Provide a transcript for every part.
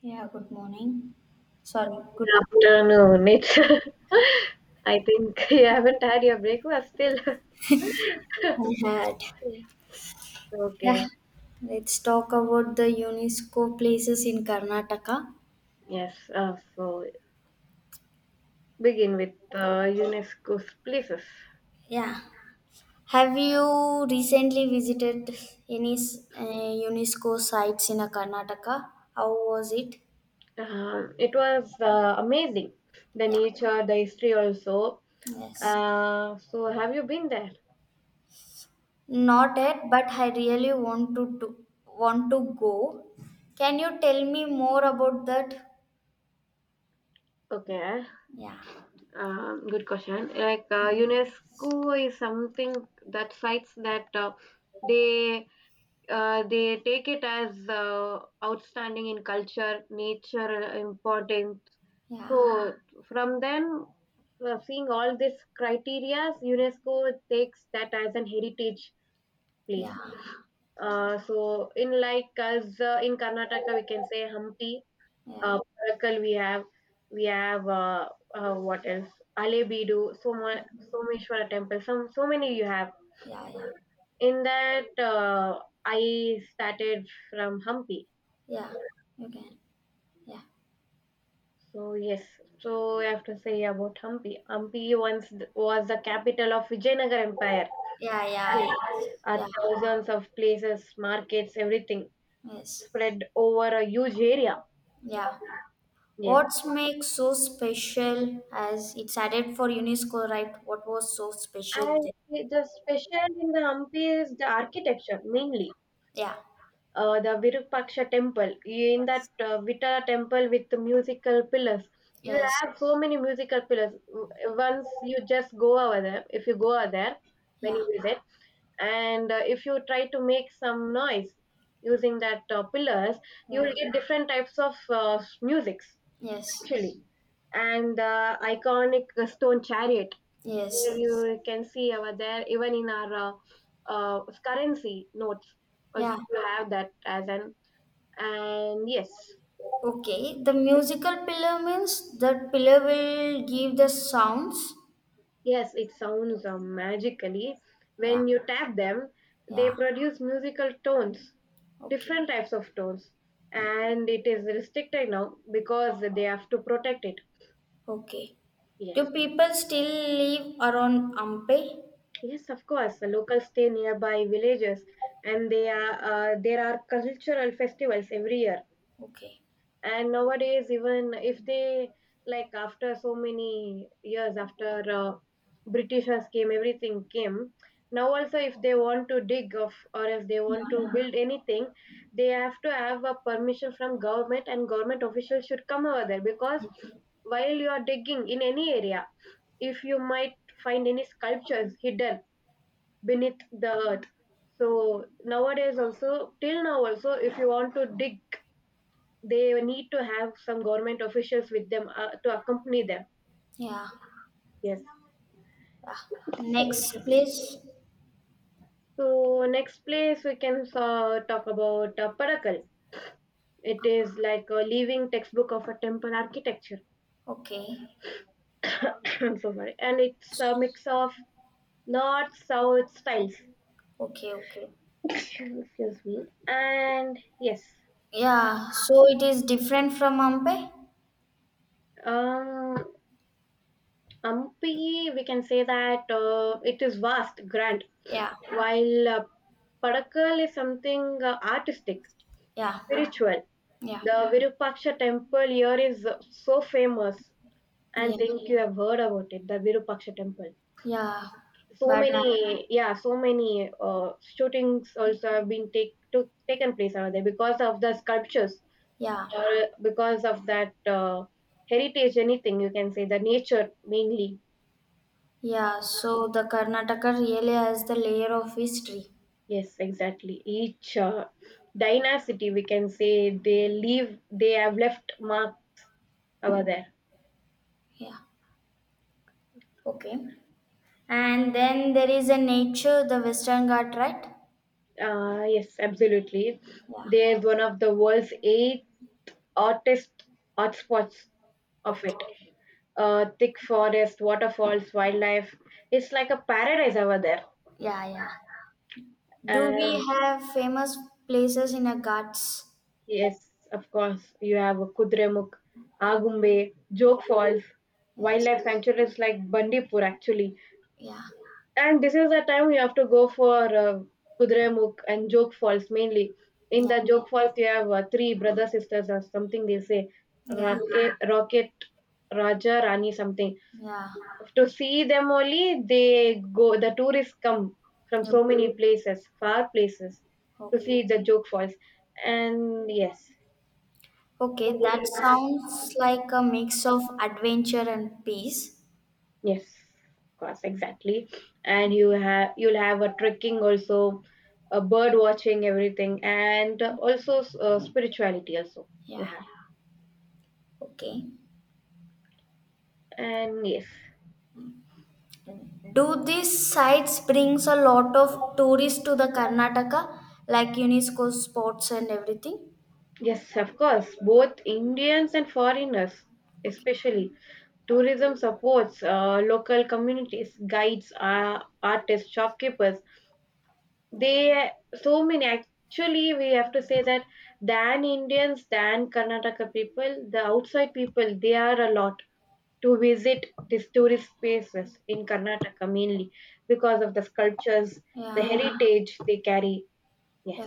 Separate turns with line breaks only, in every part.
Yeah, good morning. Sorry, good
Afternoon. It's I think you haven't had your breakfast still.
afternoon. Had.
Okay.
Yeah,
Okay.
let's talk about the UNESCO places in Karnataka.
Yes. So begin with UNESCO's places.
Yeah. Have you recently visited any UNESCO sites in Karnataka? How was it?
It was amazing. The
Yeah.
nature, the history also.
Yes.
So have you been there?
Not yet, but I really want to do, want to go. Can you tell me more about that?
Okay.
Yeah.
Good question. Like UNESCO is something that sites that they they take it as outstanding in culture, nature importance. So
Yeah.
from then, seeing all these criteria, UNESCO takes that as an heritage
Yeah.
place.
Yeah.
So in like us in Karnataka, we can say Hampi,
Yeah.
Parakkal we have, we have what else? Alebidu, Soma, Someshwara temple. Some so many you have.
Yeah.
In that, I started from Hampi.
Yeah, you can. Yeah,
So yes, so I have to say about Hampi. Hampi once was the capital of Vijayanagar Empire.
yeah, yeah. Yeah,
Thousands of places, markets, everything
yes,
spread over a huge area.
yeah.
Yes,
What's makes so special as it's added for UNESCO, right? What was so special
and
there?
the special in the Hampi is the architecture mainly.
Yeah.
The Virupaksha temple. In that
Yes.
Vita temple with the musical pillars, you
Yes.
have so many musical pillars. Once you just go over there, if you go over there when
Yeah.
you visit, and if you try to make some noise using that pillars, you
Yeah.
will get different types of music
Yes.
actually, and the iconic stone chariot
Yes.
where
Yes.
you can see over there even in our currency notes also
Yeah.
you have that as an, and yes.
Okay. The musical pillar means that pillar will give the sounds.
Yes, it sounds magically
Yeah.
when you tap them. They
Yeah.
produce musical tones,
Okay.
different types of tones, and it is restricted now because they have to protect it.
Okay.
Yes.
Do people still live around Ampe?
Yes, of course. The locals stay nearby villages, and they are there are cultural festivals every year.
Okay.
And nowadays, even if they, like after so many years after Britishers came, everything came. Now also, if they want to dig of or if they want
Yeah.
to build anything, they have to have a permission from government, and government officials should come over there because while you are digging in any area, if you might find any sculptures hidden beneath the earth. So nowadays also, till now also, if you want to dig, they need to have some government officials with them to accompany them.
Yeah.
Yes,
Ah, next, please.
so next place we can talk about Parakal. It is like a living textbook of a temple architecture.
Okay.
I'm so sorry, and it's a mix of north south styles.
Okay. Okay.
Excuse me. And yes,
Yeah. So it is different from Ampe.
um, Ampi, we can say that it is vast, grand,
Yeah.
while Padakkal is something artistic,
Yeah.
spiritual.
Yeah.
The Virupaksha temple here is so famous, and
Yeah.
think you have heard about it, the Virupaksha temple.
Yeah.
So
But
many, yeah, so many shootings also have been taken place over there because of the sculptures
yeah.
or because of that heritage, anything you can say, the nature mainly.
Yeah. So the Karnataka really has the layer of history.
Yes, exactly. Each dynasty, we can say, they have left mark over there.
Yeah. Okay. And then there is a nature, the Western Ghat, right?
Yes, absolutely.
Yeah.
They are one of the world's eight hottest hotspots of it.
Okay.
Thick forest, waterfalls, wildlife. It's like a paradise over there.
Yeah. Yeah. Do
And
we have famous places in a Ghats?
yes, of course, you have Kudremukh, Agumbe, Joke
Yeah.
Falls,
Yes.
wildlife sanctuaries like Bandipur, actually.
Yeah.
And this is the time you have to go for Kudremukh and Joke Falls mainly. In
Yeah,
the Joke Falls, you have three brother sisters or something. They say
yeah,
Rocket, Rocket, Raja, Rani, something.
yeah.
To see them only, they go. The tourists come from
Yep.
so many places, far places, to
Okay.
see the Joke Falls. And yes.
Okay, that sounds like a mix of adventure and peace.
Yes, of course, exactly. And you'll have a trekking also, a bird watching everything, and also spirituality also you
Yeah.
have.
Okay.
And yes,
Do these sites brings a lot of tourists to the Karnataka, like UNESCO spots and everything?
yes, of course, both Indians and foreigners,
Okay.
especially tourism supports local communities, guides, artists, shopkeepers. They, so many actually, we have to say that than Indians, than Karnataka people, the outside people they are a lot to visit these tourist places in Karnataka mainly because of the sculptures, the
Yeah,
heritage they carry. Yes,
yeah.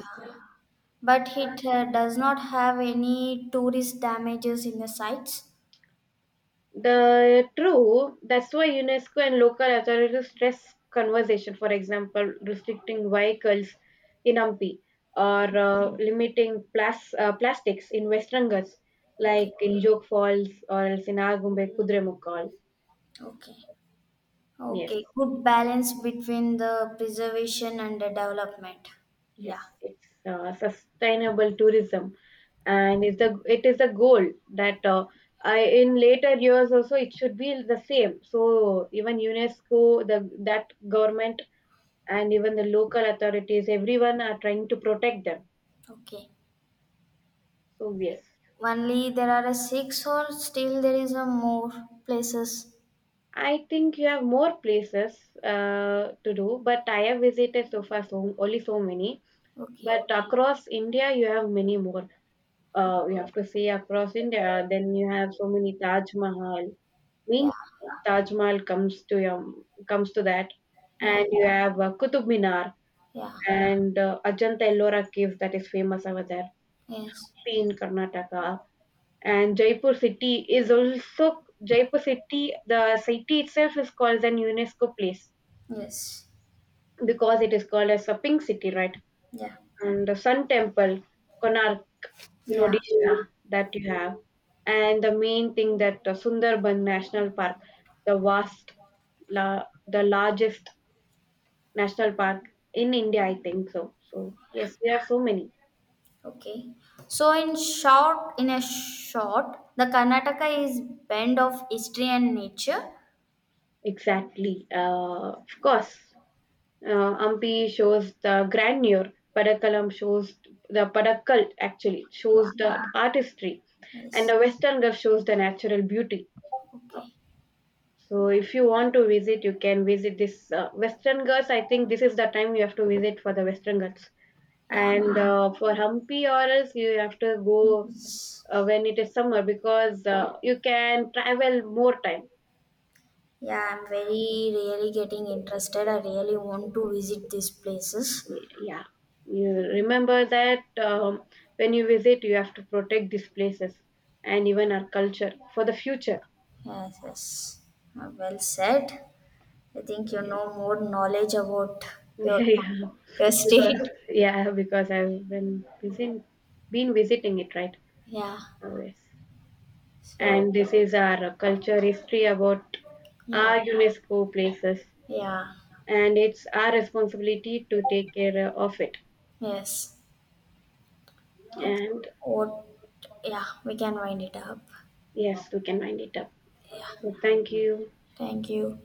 But it does not have any tourist damages in the sites.
the true. That's why UNESCO and local authorities stress conservation. For example, restricting vehicles in Hampi or limiting plastics in West Rangas, like
Okay,
in Joke Falls or else in Agumbe Kudremukal.
okay.
Yes.
Okay, good balance between the preservation and the development.
Yes,
Yeah,
it's sustainable tourism, and is the it is the goal that I in later years also it should be the same. So even UNESCO, the that government and even the local authorities, everyone are trying to protect them.
okay.
So yes,
Only there are a six or still there is a more places.
I think you have more places to do, but I have visited so far so only so many.
Okay.
But across India, you have many more.
Okay.
You have to see across India. Then you have so many Taj Mahal.
Yeah,
Means Taj Mahal comes to your, comes to that,
yeah,
and you have Qutub Minar
yeah.
and Ajanta Ellora caves that is famous over there
Yes.
in Karnataka. And Jaipur city. The city itself is called an UNESCO place
Yes.
because it is called as a pink city, right?
Yeah.
And the Sun Temple, Konark in
Yeah.
Odisha that you have, and the main thing that the Sundarban National Park, the vast, the largest national park in India, I think so. So yes, there are so many.
Okay. So in short, in a short, the Karnataka is blend of history and nature.
Exactly. Uh, Ampi shows the grandeur. Padakkal actually
Yeah.
shows the artistry, and
Yes.
the Western Ghats shows the natural beauty.
Okay.
So if you want to visit, you can visit this Western Ghats. I think this is the time you have to visit for the Western Ghats.
Yeah.
And for Hampi or else you have to go
Yes.
when it is summer because you can travel more time.
Yeah, I'm very really getting interested. I really want to visit these places.
Yeah, you remember that when you visit, you have to protect these places and even our culture for the future.
Yes, yes. Well said. I think you
Yeah,
know more knowledge about your
yeah.
your
Because
state.
yeah, because been visiting it, right?
Yeah.
Oh, yes.
So
And this is our culture history about
yeah,
our UNESCO places,
yeah,
and it's our responsibility to take care of it.
yes. Okay.
And
What? Yeah, we can wind it up.
yes, we can wind it up. So thank you.
Thank you.